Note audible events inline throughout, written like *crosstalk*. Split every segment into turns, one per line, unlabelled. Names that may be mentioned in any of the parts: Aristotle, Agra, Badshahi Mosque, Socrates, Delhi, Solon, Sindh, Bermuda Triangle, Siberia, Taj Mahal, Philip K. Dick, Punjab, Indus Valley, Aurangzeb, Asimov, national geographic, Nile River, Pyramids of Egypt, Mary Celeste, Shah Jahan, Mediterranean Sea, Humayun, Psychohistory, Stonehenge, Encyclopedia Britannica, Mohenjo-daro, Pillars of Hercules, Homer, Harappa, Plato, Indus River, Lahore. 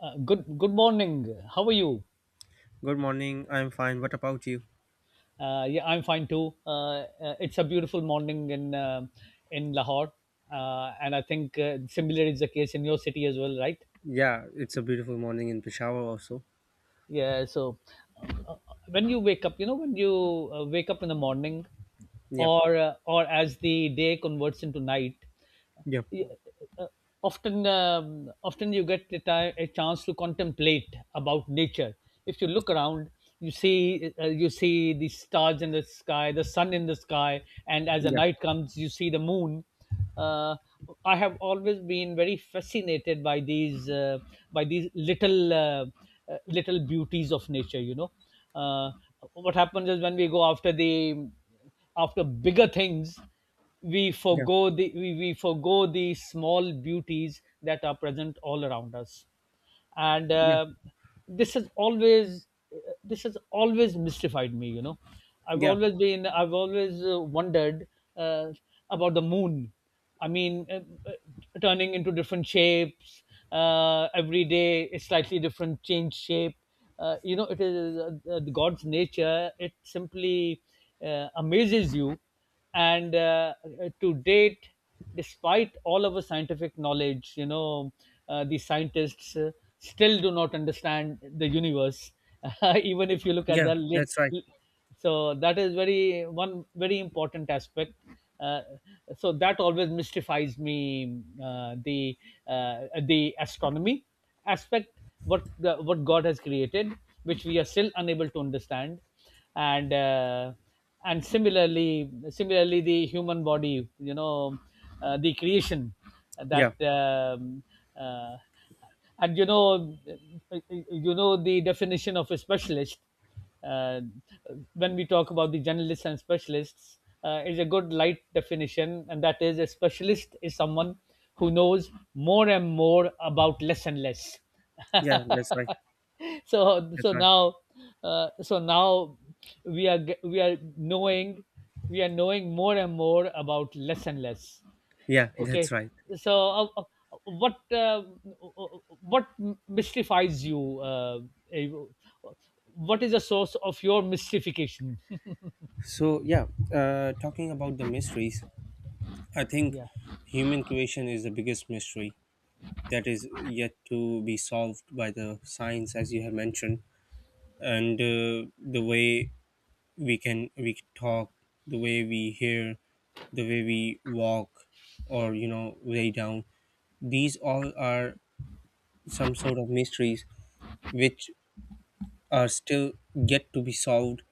Good morning. How are you?
Good morning. I'm fine. What about you?
Yeah, I'm fine too. It's a beautiful morning in Lahore, and I think similar is the case in your city as well, right?
Yeah, it's a beautiful morning in Peshawar also.
Yeah, so uh, when you wake up, when you wake up in the morning,
Yeah.
or as the day converts into night.
Yeah.
you- uh, often you get a chance to contemplate about nature. If you look around, you see the stars in the sky, the sun in the sky, and as the
Yeah.
night comes, you see the moon. uh, I have always been very fascinated by these little, little beauties of nature. Uh, what happens is, when we go after the after bigger things, we
Yeah.
forego the we, we forego the small beauties that are present all around us. And
Yeah.
this has always this has always mystified me. i've
Yeah.
always been i've always wondered uh, about the moon. I mean, uh, turning into different shapes, every day a slightly different change shape. You know, it is god's nature. It simply amazes you. And To date, despite all of our scientific knowledge, you know, the scientists still do not understand the universe. *laughs* Even if you look at
Yeah.
the lit...
That's right.
So that is very one very important aspect. uh, so that always mystifies me, uh, the astronomy aspect, what god has created, which we are still unable to understand. And uh, and similarly the human body, you know, the creation that...
Yeah.
uh, and you know the definition of a specialist. uh, when we talk about the generalists and specialists, is a good light definition, and that is, a specialist is someone who knows more and more about less and less.
Yeah,
*laughs*
that's right. That's right.
Now so now, we are knowing, we are knowing more and more about less and less.
Yeah, that's
Okay,
right.
so what uh, what mystifies you, eh, what is the source of your mystification? *laughs*
So, yeah, talking about the mysteries, I think
Yeah,
human creation is the biggest mystery that is yet to be solved by the science, as you have mentioned. And the way we can talk, the way we hear, the way we walk, or you know, lay down, these all are some sort of mysteries which are still yet to be solved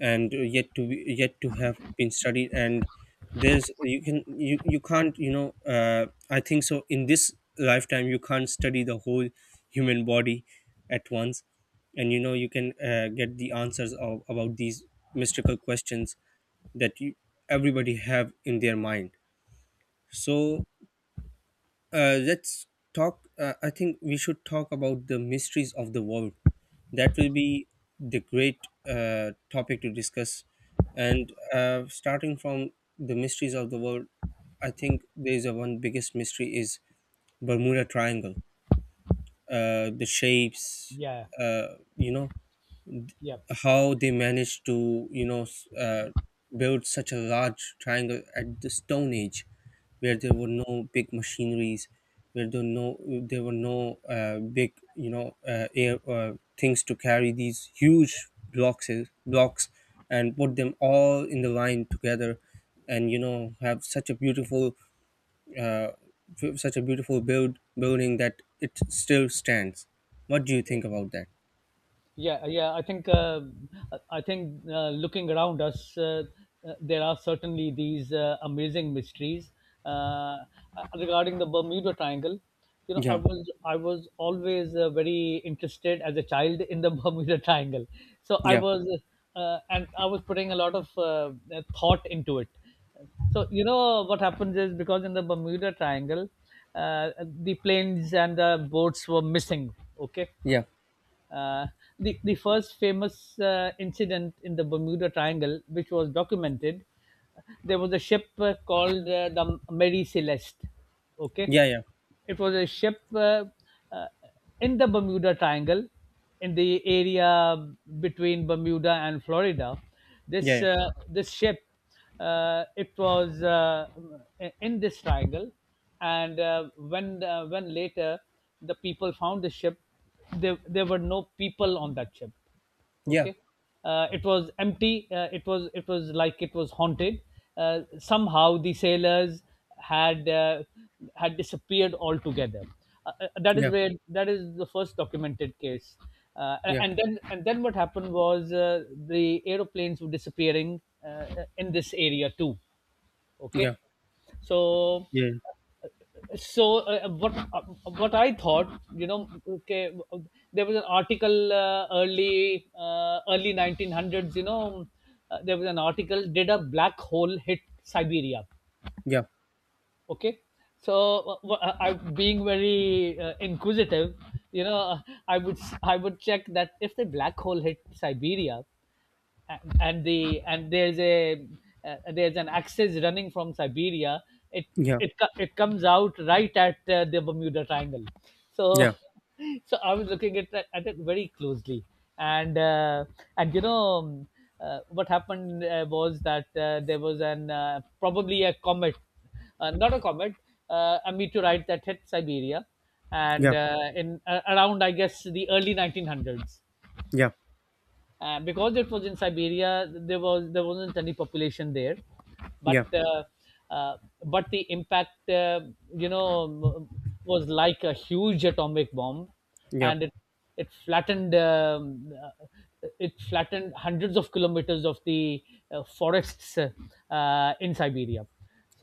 and yet to have been studied. And there's you can you, you can't, you know, I think so, in this lifetime you can't study the whole human body at once, and you know, you can get the answers of, about these mystical questions that you, everybody have in their mind. So let's talk. I think we should talk about the mysteries of the world. That will be the great topic to discuss. And starting from the mysteries of the world, I think there is a one biggest mystery is Bermuda Triangle. The shapes,
yeah,
you know,
yeah.
how they managed to, you know, build such a large triangle at the stone age, where there were no big machineries, where there no, there were no big, you know, air things to carry these huge blocks, and put them all in the line together, and you know, have such a beautiful, uh, such a beautiful building that it still stands. What do you think about that?
Yeah, yeah. I think, looking around us, there are certainly these amazing mysteries, uh, uh, regarding the Bermuda Triangle. You know,
Yeah.
I was always very interested as a child in the *laughs* Bermuda Triangle. So
Yeah.
I was putting a lot of thought into it. So, you know, what happens is, because in the Bermuda Triangle, the planes and the boats were missing. Okay,
Yeah.
uh, the first famous incident in the Bermuda Triangle, which was documented, there was a ship called the Mary Celeste. Okay,
Yeah. Yeah.
it was a ship, uh, in the Bermuda Triangle, in the area between Bermuda and Florida. This
Yeah,
uh, this ship, it was in this triangle, and when later the people found the ship, there were no people on that ship.
yeah,
Okay, it was empty, it was like it was haunted. Somehow the sailors had uh, had disappeared altogether.
yeah,
That is the first documented case. uh,
yeah,
and then and then what happened was, the aeroplanes were disappearing uh, in this area too. Okay,
yeah,
so
yeah,
so uh, what uh, what I thought, okay, there was an article, early 1900s, you know, there was an article, did a black hole hit Siberia?
yeah,
Okay, so I, being very inquisitive, you know, I would check that if the black hole hit Siberia, and there's a there's an axis running from Siberia. It
yeah,
it comes out right at the Bermuda Triangle. So,
yeah,
*laughs* so I was looking at at it very closely, and uh, and you know. What happened was that, there was an probably a comet, not a comet, a meteorite that hit Siberia,
yeah,
and
yeah,
in around, I guess, the early 1900s,
yeah,
because it was in Siberia, there wasn't any population there, but
yeah, yeah,
uh, uh, but the impact, you know, was like a huge atomic bomb, and it flattened, uh, hundreds of kilometers of the forests, in Siberia.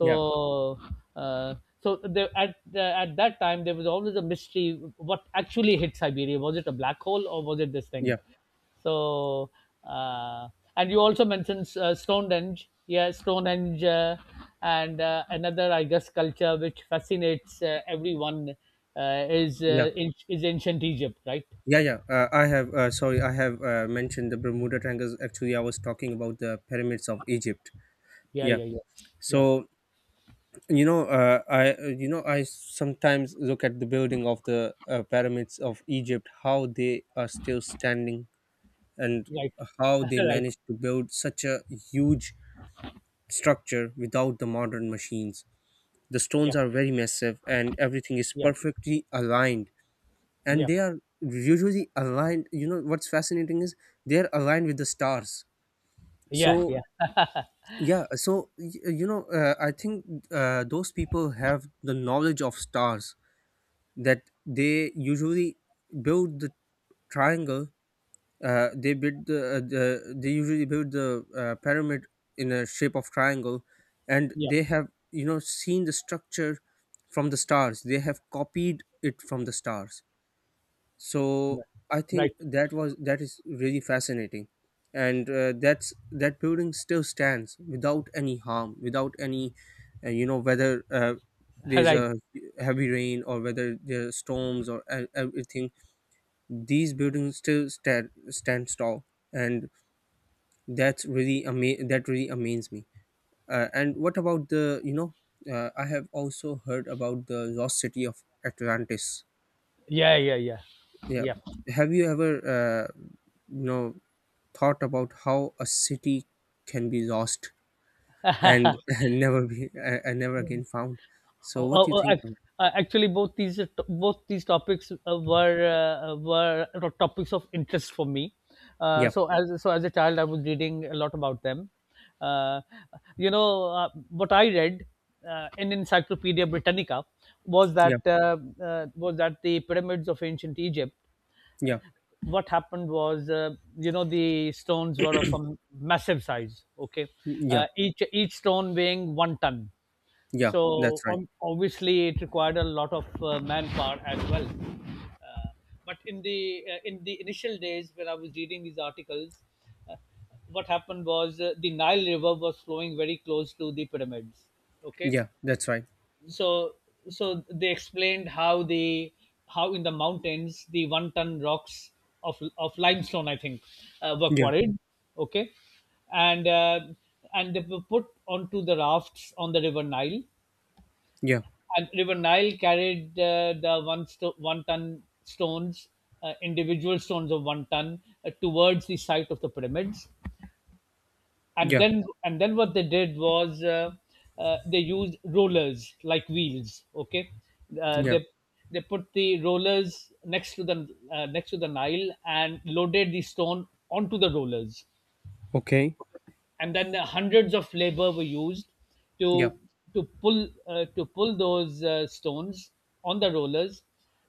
yeah,
uh, there, at that time there was always a mystery what actually hit Siberia. Was it a black hole or was it this
yeah,
thing? So, uh, and you also mentioned Stonehenge. Yeah, Stonehenge, and another, I guess, culture which fascinates everyone, is ancient Egypt, right?
yeah, yeah. I have, sorry, I have mentioned the Bermuda Triangles. Actually, I was talking about the pyramids of Egypt.
Yeah,
Yeah.
yeah, yeah, yeah.
So you know, I you know, I sometimes look at the building of the pyramids of Egypt, how they are still standing, and
Right.
how
*laughs*
they
Right.
managed to build such a huge structure without the modern machines. The
Yeah,
stones are very massive and everything is
yeah,
perfectly aligned. And
yeah,
they are usually aligned. You know, what's fascinating is they're aligned with the stars. So,
yeah, yeah,
yeah, you know, I think those people have the knowledge of stars, that they usually build the triangle. They build the, they usually build the pyramid in a shape of triangle, and
yeah.
they have, you know, seen the structure from the stars. They have copied it from the stars. So
Yeah.
I think
Right.
that is really fascinating, and that building still stands without any harm, without any you know, whether.
*laughs*
There's
Right.
a heavy rain or whether there are storms or everything, these buildings still stand, stand tall, and that's really that really amazes me. And what about the, you know, I have also heard about the lost city of Atlantis.
Yeah, yeah, yeah,
Yeah,
yeah.
have you ever uh, you know, thought about how a city can be lost and *laughs* never be and never again found? So
Oh,
what
oh,
do you
oh,
think of?
actually, both these to- both these topics, topics of interest for me. Uh,
Yeah.
so as so as a child, I was reading a lot about them. Uh, you know, what I read in Encyclopedia Britannica was
Yeah.
that uh, was that the pyramids of ancient Egypt. Uh,
Yeah.
what happened was, you know, the stones were of a massive size. Okay,
Yeah.
each stone weighing one ton,
Yeah, that's
so
right.
obviously, it required a lot of manpower as well. But in the initial days when I was reading these articles, uh, what happened was, the Nile River was flowing very close to the pyramids. Okay,
Yeah, that's right.
so they explained how in the mountains the one ton rocks of limestone, I think, were
Yeah.
quarried. Okay, and uh, and they were put onto the rafts on the river Nile,
Yeah.
and River Nile carried the one ton stones, individual stones of one ton, towards the site of the pyramids. And
Yeah.
then and then what they did was, they used rollers like wheels. Okay, uh,
Yeah.
they they put the rollers next to the Nile and loaded the stone onto the rollers,
Okay.
and then hundreds of labor were used
Yeah.
to to pull those stones on the rollers,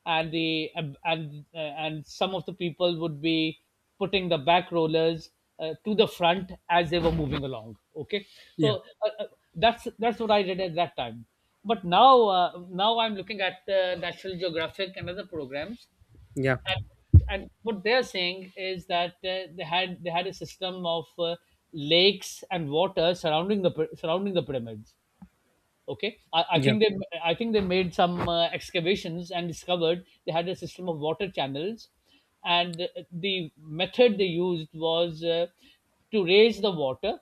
and the and some of the people would be putting the back rollers to the front as they were moving along. Okay,
Yeah.
so that's what I did at that time. But now I'm looking at National Geographic and other programs,
Yeah.
and what they're saying is that, they had a system of lakes and water surrounding the pyramids. Okay, I
Yeah.
think they made some excavations and discovered they had a system of water channels, and the method they used was, to raise the water,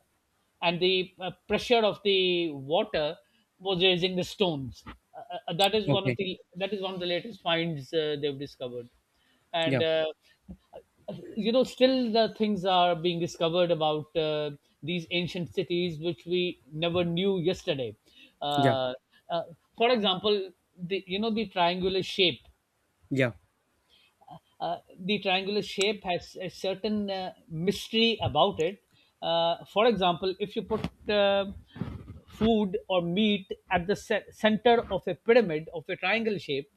and the pressure of the water was raising the stones.
Okay.
That is one of the latest finds they've discovered. And
Yeah.
you know, still the things are being discovered about these ancient cities which we never knew yesterday.
Yeah.
uh, uh, for example, the you know the triangular shape
Yeah.
uh, the triangular shape has a certain mystery about it. For example, if you put food or meat at the center of a pyramid of a triangle shape,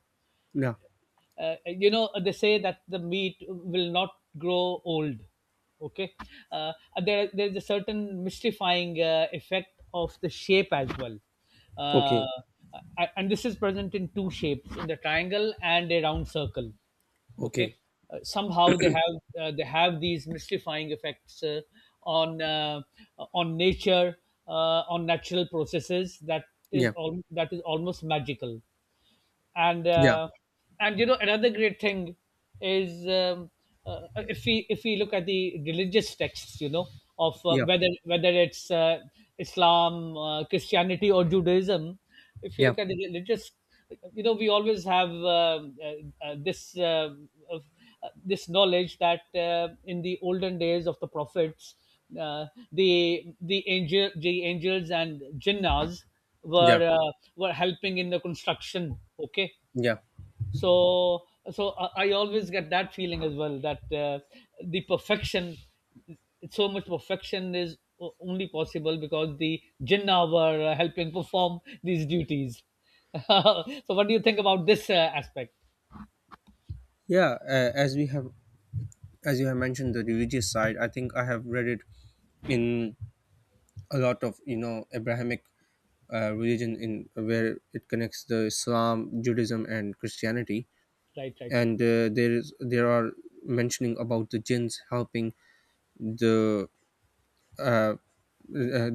Yeah.
you know, they say that the meat will not grow old. Okay, uh, there's a certain mystifying effect of the shape as well. uh,
Okay.
and this is present in two shapes: in the triangle and a round circle. Okay,
Okay.
somehow they have these mystifying effects on uh, on nature, on natural processes, that is
Yeah.
all... that is almost magical. and
Yeah.
uh, and you know, another great thing is, if we look at the religious texts, you know, of
Yeah.
whether it's Islam, Christianity or Judaism. If you
Yeah.
look at the religious, you know, we always have, this, of, this knowledge that, in the olden days of the prophets, uh, the angels and jinnas
Yeah.
were helping in the construction. Okay,
Yeah.
so I always get that feeling as well, that the perfection so much perfection is only possible because the jinnah were helping perform these duties. *laughs* So what do you think about this aspect?
Yeah. As we have, as you have mentioned, the religious side, I think I have read it in a lot of, you know, Abrahamic religion in where it connects the Islam, Judaism, and Christianity,
Right, right.
and there are mentioning about the jinns helping the uh,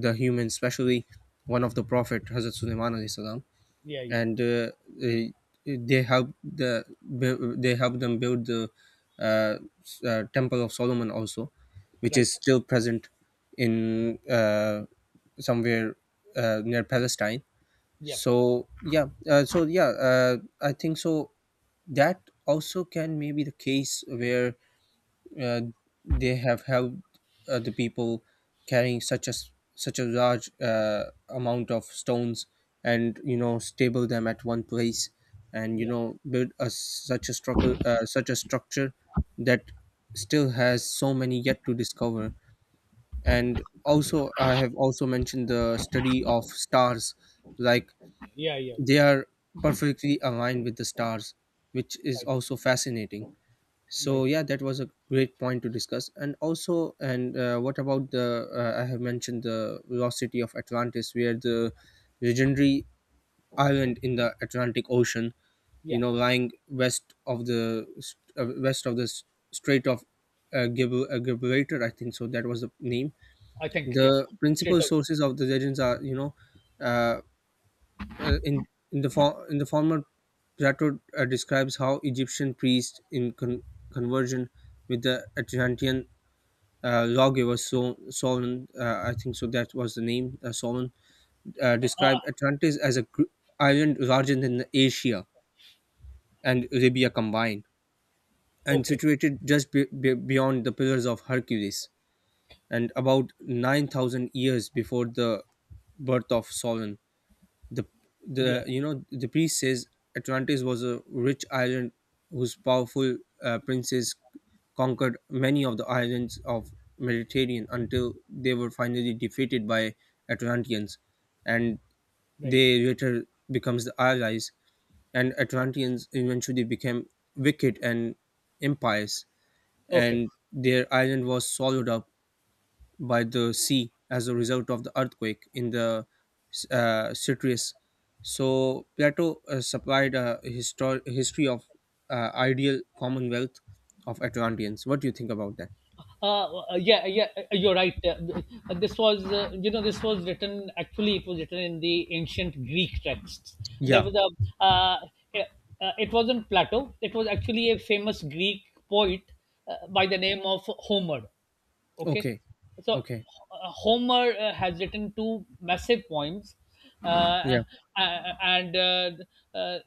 the human, especially one of the prophet Hazrat Sulaiman alayhi salam,
Yeah. Yeah.
and they helped they helped them build the uh, Temple of Solomon also, which
Right.
is still present in somewhere near Palestine.
Yeah.
So yeah, I think so. That also can maybe the case where uh, they have helped the people carrying such a large amount of stones, and you know, stable them at one place, and you
Yeah,
know, build a such a structure, that still has so many yet to discover. And also, I have also mentioned the study of stars, like
yeah, yeah, yeah.
they are perfectly aligned with the stars, which is
Right,
also fascinating.
right.
So yeah, that was a great point to discuss. And also, and what about the, I have mentioned the velocity of Atlantis, where the legendary island in the Atlantic Ocean, you
Yeah,
know, lying west of the, uh, west of the s- strait of Gibraltar, I think so that was the name.
I think. Yeah.
The
Straight
principal
up.
sources of the legends are, you know, uh, in the in the former Plato describes how Egyptian priests in conversion with the Atlantean lawgiver Solon, I think so that was the name, Solon, described
Ah,
Atlantis as a island larger than Asia and Arabia combined, and
okay.
situated just beyond the Pillars of Hercules, and about 9,000 years before the birth of Solon. the the
Yeah.
you know, the priest says Atlantis was a rich island, whose powerful princes conquered many of the islands of Mediterranean, until they were finally defeated by Atlanteans, and
Right.
they later becomes the allies, and Atlanteans eventually became wicked and impious,
Okay.
and their island was swallowed up by the sea as a result of the earthquake in the citrus. So Plato supplied a history of ideal commonwealth of Atlanteans. What do you think about that?
Yeah, yeah, you're right. This was, you know, this was written. Actually, it was written in the ancient Greek texts. There
Yeah.
was a yeah, it wasn't Plato, it was actually a famous Greek poet, by the name of Homer. Okay,
Okay.
so
Okay.
Homer has written two massive poems. uh,
Yeah.
uh, and uh,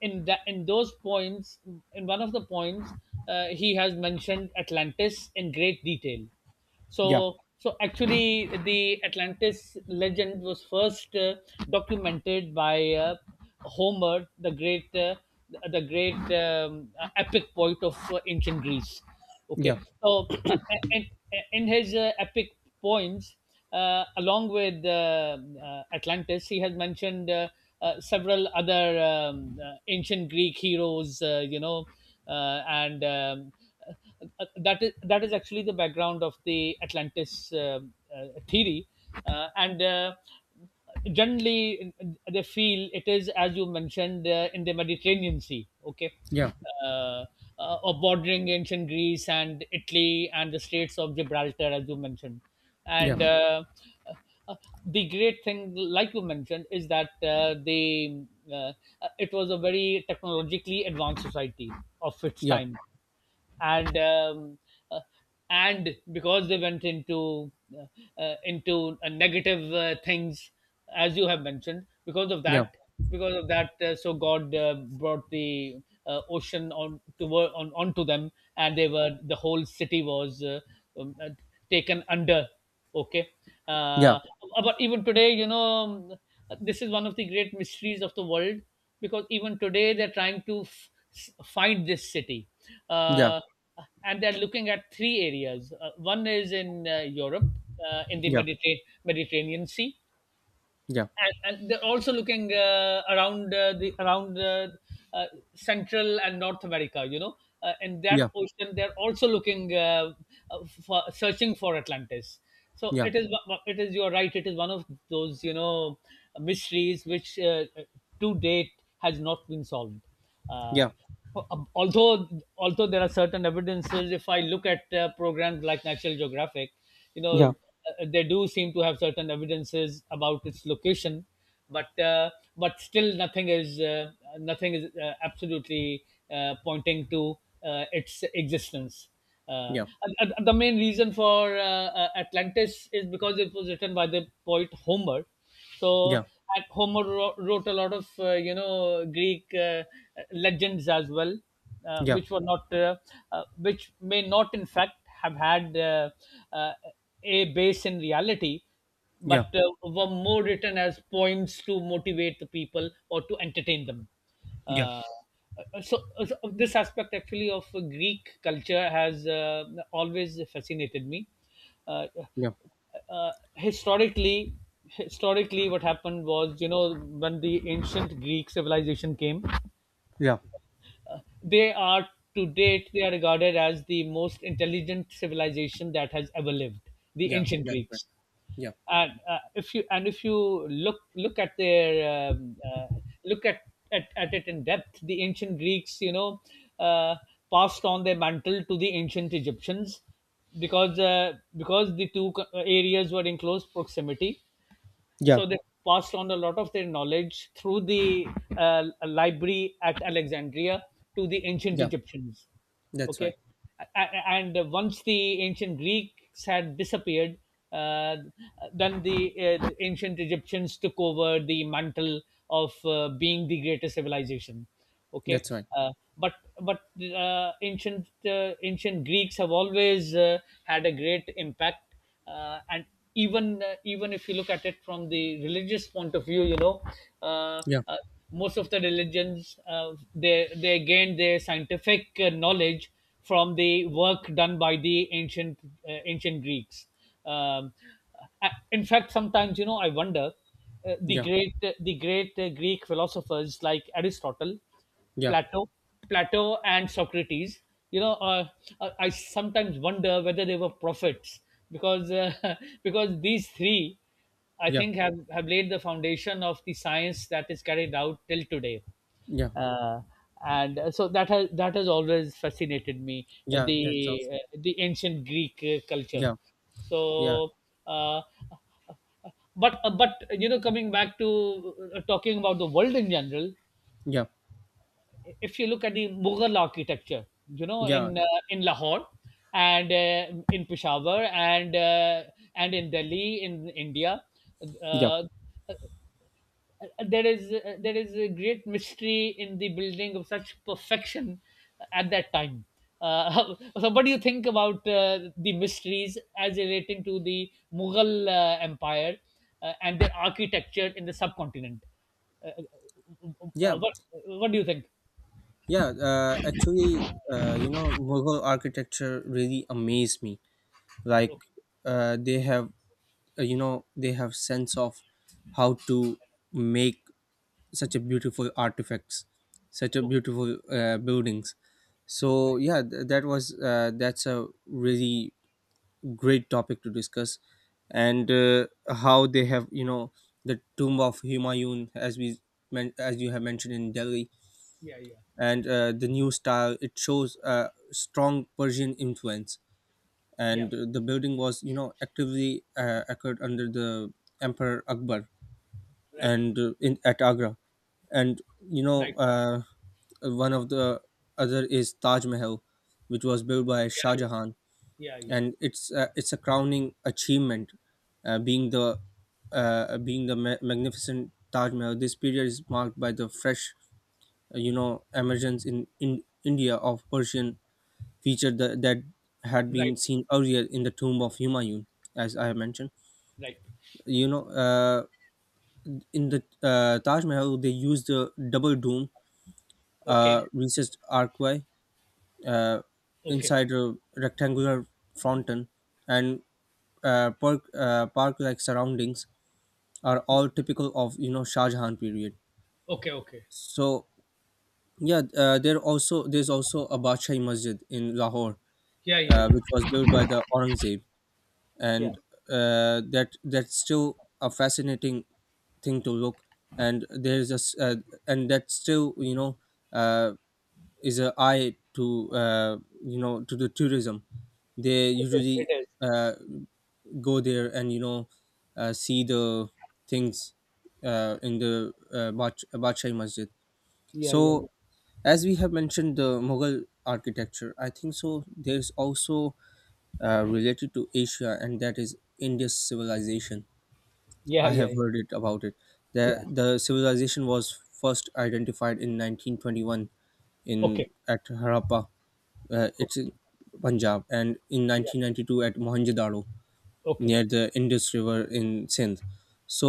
in those poems, in one of the poems, he has mentioned Atlantis in great detail.
Yeah.
So actually, the Atlantis legend was first documented by Homer, the great, the great epic poet of ancient Greece. Okay,
Yeah.
so, and in his epic poems, along with Atlantis, he has mentioned several other ancient Greek heroes. And *laughs* that is actually the background of the Atlantis theory. And Generally they feel it is, as you mentioned, in the Mediterranean Sea. Okay,
Yeah.
uh, or bordering ancient Greece and Italy and the Straits of Gibraltar, as you mentioned,
Yeah.
and. Uh, the great thing, like you mentioned, is that the uh, it was a very technologically advanced society of its
Yeah.
time. And um, uh, and because they went into, negative things, as you have mentioned. Because of that, so God brought the ocean on to on onto them, and the whole city was um, uh, taken under. Okay.
Yeah.
Uh, but even today, you know, this is one of the great mysteries of the world, because even today they're trying to find this city.
Yeah. Yeah.
Uh, and they're looking at three areas. One is in Europe, in the
Yeah.
Mediterranean Sea,
Yeah. Yeah.
and they're also looking around, the around uh, Central and North America. You know, in that
Yeah.
ocean, they're also looking, uh, for, searching for Atlantis.
Yeah. Yeah.
So
Yeah.
it
Yeah.
is. It is. You're right. It is one of those, you know, mysteries which to date has not been solved. Uh, um, although although there are certain evidences, if I look at programs like National Geographic, you know,
Yeah.
they do seem to have certain evidences about its location, but uh, but still nothing is absolutely pointing to its existence. uh, and the main reason for Atlantis is because it was written by the poet Homer.
Yeah.
so
Yeah.
and Homer wrote a lot of Greek legends as well, uh, which were not uh, which may not, in fact, have had uh, a base in reality, but were more written as poems to motivate the people or to entertain them.
Yeah.
Uh, so this aspect actually of Greek culture has always fascinated me. Uh, uh, historically historically, what happened was, you know, when the ancient Greek civilization came,
Yeah.
they are to date they are regarded as the most intelligent civilization that has ever lived, the
Yeah.
ancient
That's right.
Greeks.
Yeah.
And if you look at their, look at, at it in depth, the ancient Greeks, you know, uh, passed on their mantle to the ancient Egyptians, because the two areas were in close proximity. So
Yeah.
they passed on a lot of their knowledge through the library at Alexandria to the ancient
Yeah.
Egyptians.
That's
Okay.
right.
A- and once the ancient Greeks had disappeared, uh, then the ancient Egyptians took over the mantle of being the greatest civilization. Okay.
That's right.
uh, but but ancient Greeks have always had a great impact. And even if you look at it from the religious point of view, you know, uh,
Yeah.
uh, most of the religions, they gained their scientific knowledge from the work done by the ancient Greeks. um, in fact, sometimes, you know, I wonder, the
Yeah.
great the great uh, Greek philosophers, like Aristotle,
Yeah.
Plato, Plato and Socrates. You know, I sometimes wonder whether they were prophets, because *laughs* because these three, I
Yeah.
think, have laid the foundation of the science that is carried out till today.
Yeah.
Uh, and so that has always fascinated me,
Yeah. That's also.
the ancient Greek culture.
Yeah. Yeah.
So, uh, but, you know, coming back to, talking about the world in general,
Yeah.
if you look at the Mughal architecture, you know,
Yeah.
in Lahore, and in Peshawar, and in Delhi in India,
Yeah.
uh, uh, there is a great mystery in the building of such perfection at that time. Uh, *laughs* so, what do you think about the mysteries as relating to the Mughal Empire and their architecture in the subcontinent? Uh, uh, uh,
Yeah.
what, what do you think?
Yeah. Actually, you know, Mughal architecture really amazed me. Like,
Okay,
uh,
okay,
they have, you know, they have sense of how to make such a beautiful artifacts, such a
okay,
beautiful buildings. So
right.
yeah, that's a really great topic to discuss, and how they have, you know, the tomb of Humayun, as you have mentioned in Delhi,
Yeah, yeah,
and the new style it shows strong Persian influence,
yeah,
and the building was, you know, actively occurred under the emperor Akbar,
right,
and in at Agra, and you know,
right.
one of the other is Taj Mahal, which was built by Shah
Yeah,
Jahan,
yeah, yeah,
and it's a crowning achievement, uh, being the being the magnificent Taj Mahal. This period is marked by the fresh, you know, emergence in, India of Persian feature that, had
yeah,
been
right,
seen earlier in the tomb of Humayun, as I have mentioned.
right.
You know, in the Taj Mahal, they used a double dome,
Okay,
recessed archway, uh,
okay,
inside a rectangular fountain, and park like surroundings are
yeah,
all typical of, you know, Shah Jahan period.
okay, okay.
So yeah, there's also a Badshah Masjid in Lahore,
Yeah, yeah, yeah,
which was built by the Aurangzeb,
yeah.
and that's still a fascinating thing to look. And that still, you know, uh, is a eye to, you know, to the tourism. They
It is,
usually.
it is.
Uh, go there and you know, see the things in the Badshahi Masjid.
Yeah, yeah, yeah,
So as we have mentioned the Mughal architecture, I think so. There is also related to Asia, and that is India's civilization.
yeah,
I
yeah,
have
yeah.
heard it about it. The
Yeah.
the civilization was first identified in 1921, in
Okay,
at Harappa. It's
okay,
in Punjab, and in
yeah,
1992 at Mohenjo-daro,
okay,
near the Indus River in Sindh.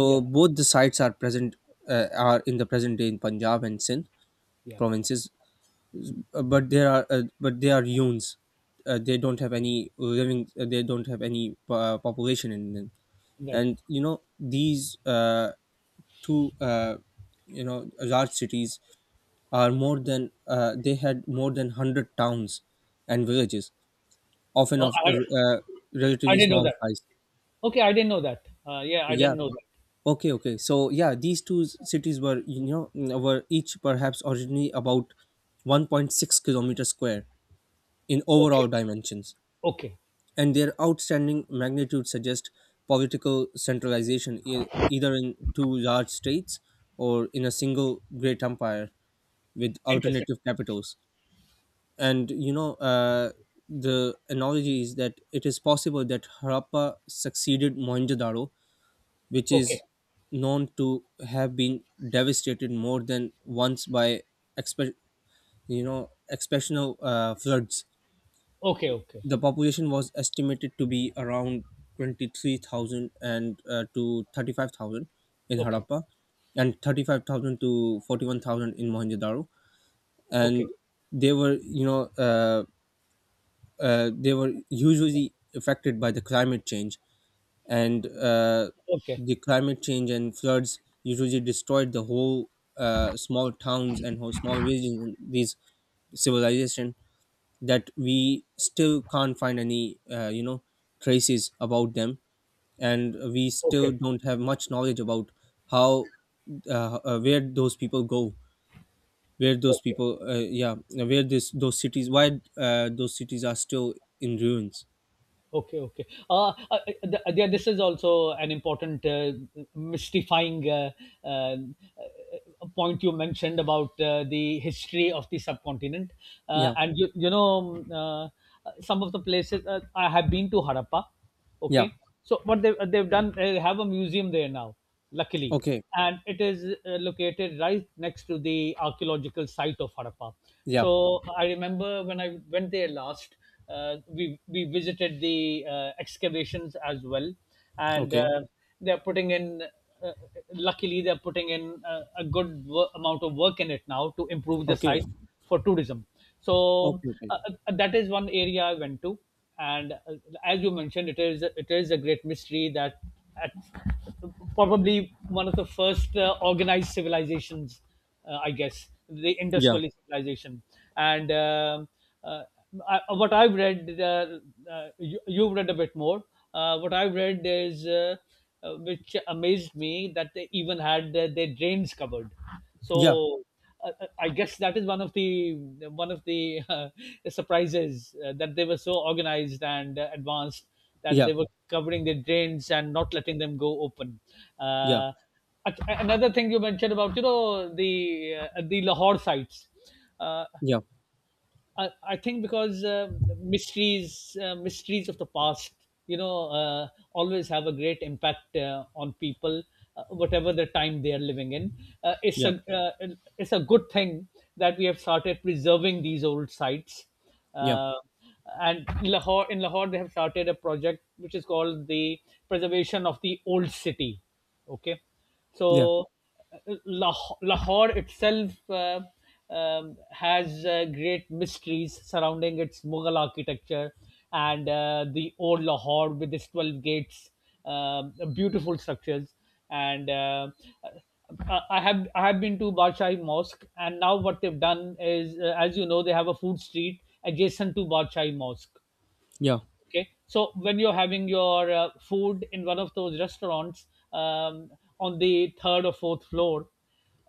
yeah,
both the sites are present, are in the present day in Punjab and Sindh
yeah,
provinces, but they are yuns. They don't have any living. They don't have any population in them.
right.
And you know, these two, you know, large cities are more than they had more than 100 towns and villages, often
Oh,
of
I, I
relatively
didn't know
small
that.
size.
Okay, I didn't know that. Yeah, I
Yeah.
didn't know that.
Okay, okay. So yeah, these cities were, you know, were each perhaps originally about 1.6-kilometer square in
Okay,
overall dimensions,
okay,
and their outstanding magnitude suggest political centralization, either in two large states or in a single great empire with
interesting.
alternative capitals. And you know, the analogy is that it is possible that Harappa succeeded Mohenjo-daro, which
Okay,
is known to have been devastated more than once by expe- you know, exceptional floods.
okay, okay,
The population was estimated to be around 23,000 and to 35,000 in
okay,
Harappa, and 35,000 to 41,000 in Mohenjo-daro,
okay,
and they were you know uh, they were usually affected by the climate change, and
okay,
the climate change and floods usually destroyed the whole small towns and whole small villages and these civilization, that we still can't find any you know, traces about them, and we still
okay,
don't have much knowledge about how, where those people go, where those
okay.
people, where this those cities, why those cities are still in ruins.
Okay, okay. Yeah, this is also an important, mystifying, uh, uh, point you mentioned about the history of the subcontinent. Uh,
Yeah.
and you, you know, um, uh, some of the places, I have been to Harappa.
Yeah.
Okay, so what they've done, they have a museum there now, luckily,
Okay.
and it is located right next to the archaeological site of Harappa.
Yeah.
So I remember when I went there last, we visited the excavations as well, and
Okay.
they're putting in, uh, luckily, they're putting in a good amount of work in it now to improve the
Okay.
site for tourism. So,
Okay, okay.
that is one area I went to. And as you mentioned, it is a great mystery that, at, probably one of the first organized civilizations, I guess, the Indus
Yeah,
Valley civilization. And um uh, what I've read, you, you've read a bit more. What I've read is, which amazed me, that they even had their drains covered.
yeah,
So, I guess that is one of the, one of the uh, *laughs* surprises, that they were so organized and advanced, that
yeah,
they were covering their drains and not letting them go open.
yeah,
Uh, Another thing you mentioned, about, you know, the Lahore sites. Uh, I think, because mysteries of the past, you know, always have a great impact, on people, whatever the time they are living in. uh, it's
yeah,
a uh, it's a good thing that we have started preserving these old sites.
yeah,
Uh, and Lahore in Lahore they have started a project which is called the Preservation of the Old City. Okay,
yeah,
so Lahore itself, has great mysteries surrounding its Mughal architecture, and the old Lahore with its 12 gates, beautiful structures, and I have been to Badshahi Mosque, and now what they've done is, as you know, they have a food street adjacent to Badshahi Mosque.
yeah, yeah,
Okay, so when you're having your food in one of those restaurants, um, on the third or fourth floor,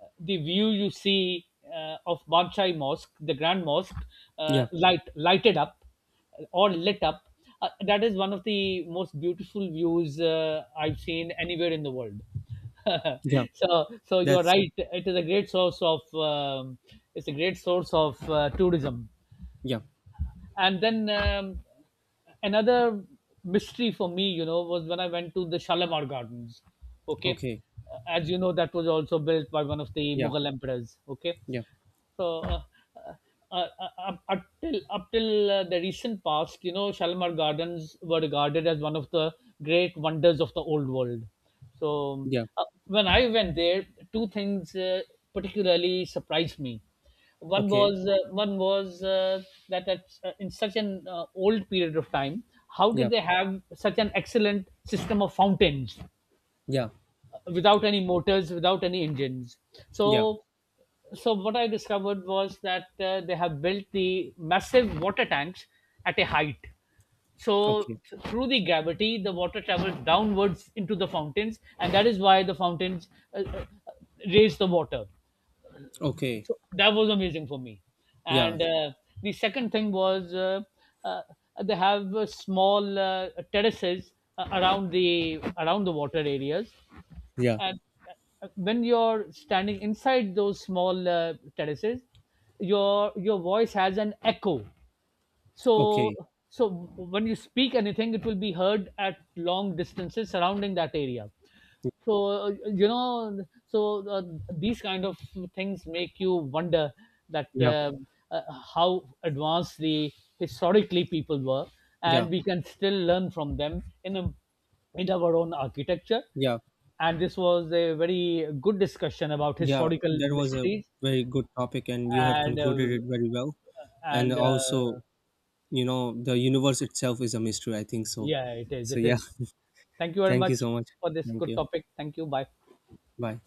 the view you see, of Banchai Mosque, the Grand Mosque,
yeah,
lighted up, or lit up, that is one of the most beautiful views I've seen anywhere in the world. *laughs*
yeah.
So, you are
That's
right. It's a great source of tourism.
yeah.
And then, another mystery for me, you know, was when I went to the Shalimar Gardens. Okay,
Okay.
as you know, that was also built by one of the
Yeah,
Mughal emperors. Okay,
yeah,
so, up till the recent past, you know, Shalimar Gardens were regarded as one of the great wonders of the old world. So,
yeah.
when I went there, two things particularly surprised me. One
Okay.
was uh, one was uh, that, at, in such an old period of time, how did
Yeah,
they have such an excellent system of fountains?
yeah,
Without any motors, without any engines.
yeah.
So, so what I discovered was that they have built the massive water tanks at a height.
Okay.
Through the gravity, the water travels downwards into the fountains, and that is why the fountains uh, uh, raise the water.
Okay.
So that was amazing for me.
Yeah,
And the second thing was, uh, they have small terraces around the water areas,
yeah.
and when you're standing inside those small terraces, your voice has an echo. so
Okay.
so when you speak anything, it will be heard at long distances surrounding that area. So, you know, so, these kind of things make you wonder that,
Yeah,
uh, how advanced the historically people were,
yeah,
and we can still learn from them, in our own architecture,
yeah,
and this was a very good discussion about
yeah.
historical
That was a
mysteries.
very good topic, and you have
and
concluded
uh,
it very well. And
and
also,
uh,
you know, the universe itself is a mystery, I think so.
yeah, it is,
So
it
yeah.
is. Thank you
*laughs*
very
Thank you
much
so much.
for this
Thank
good
you.
topic. Thank you. Bye.
Bye.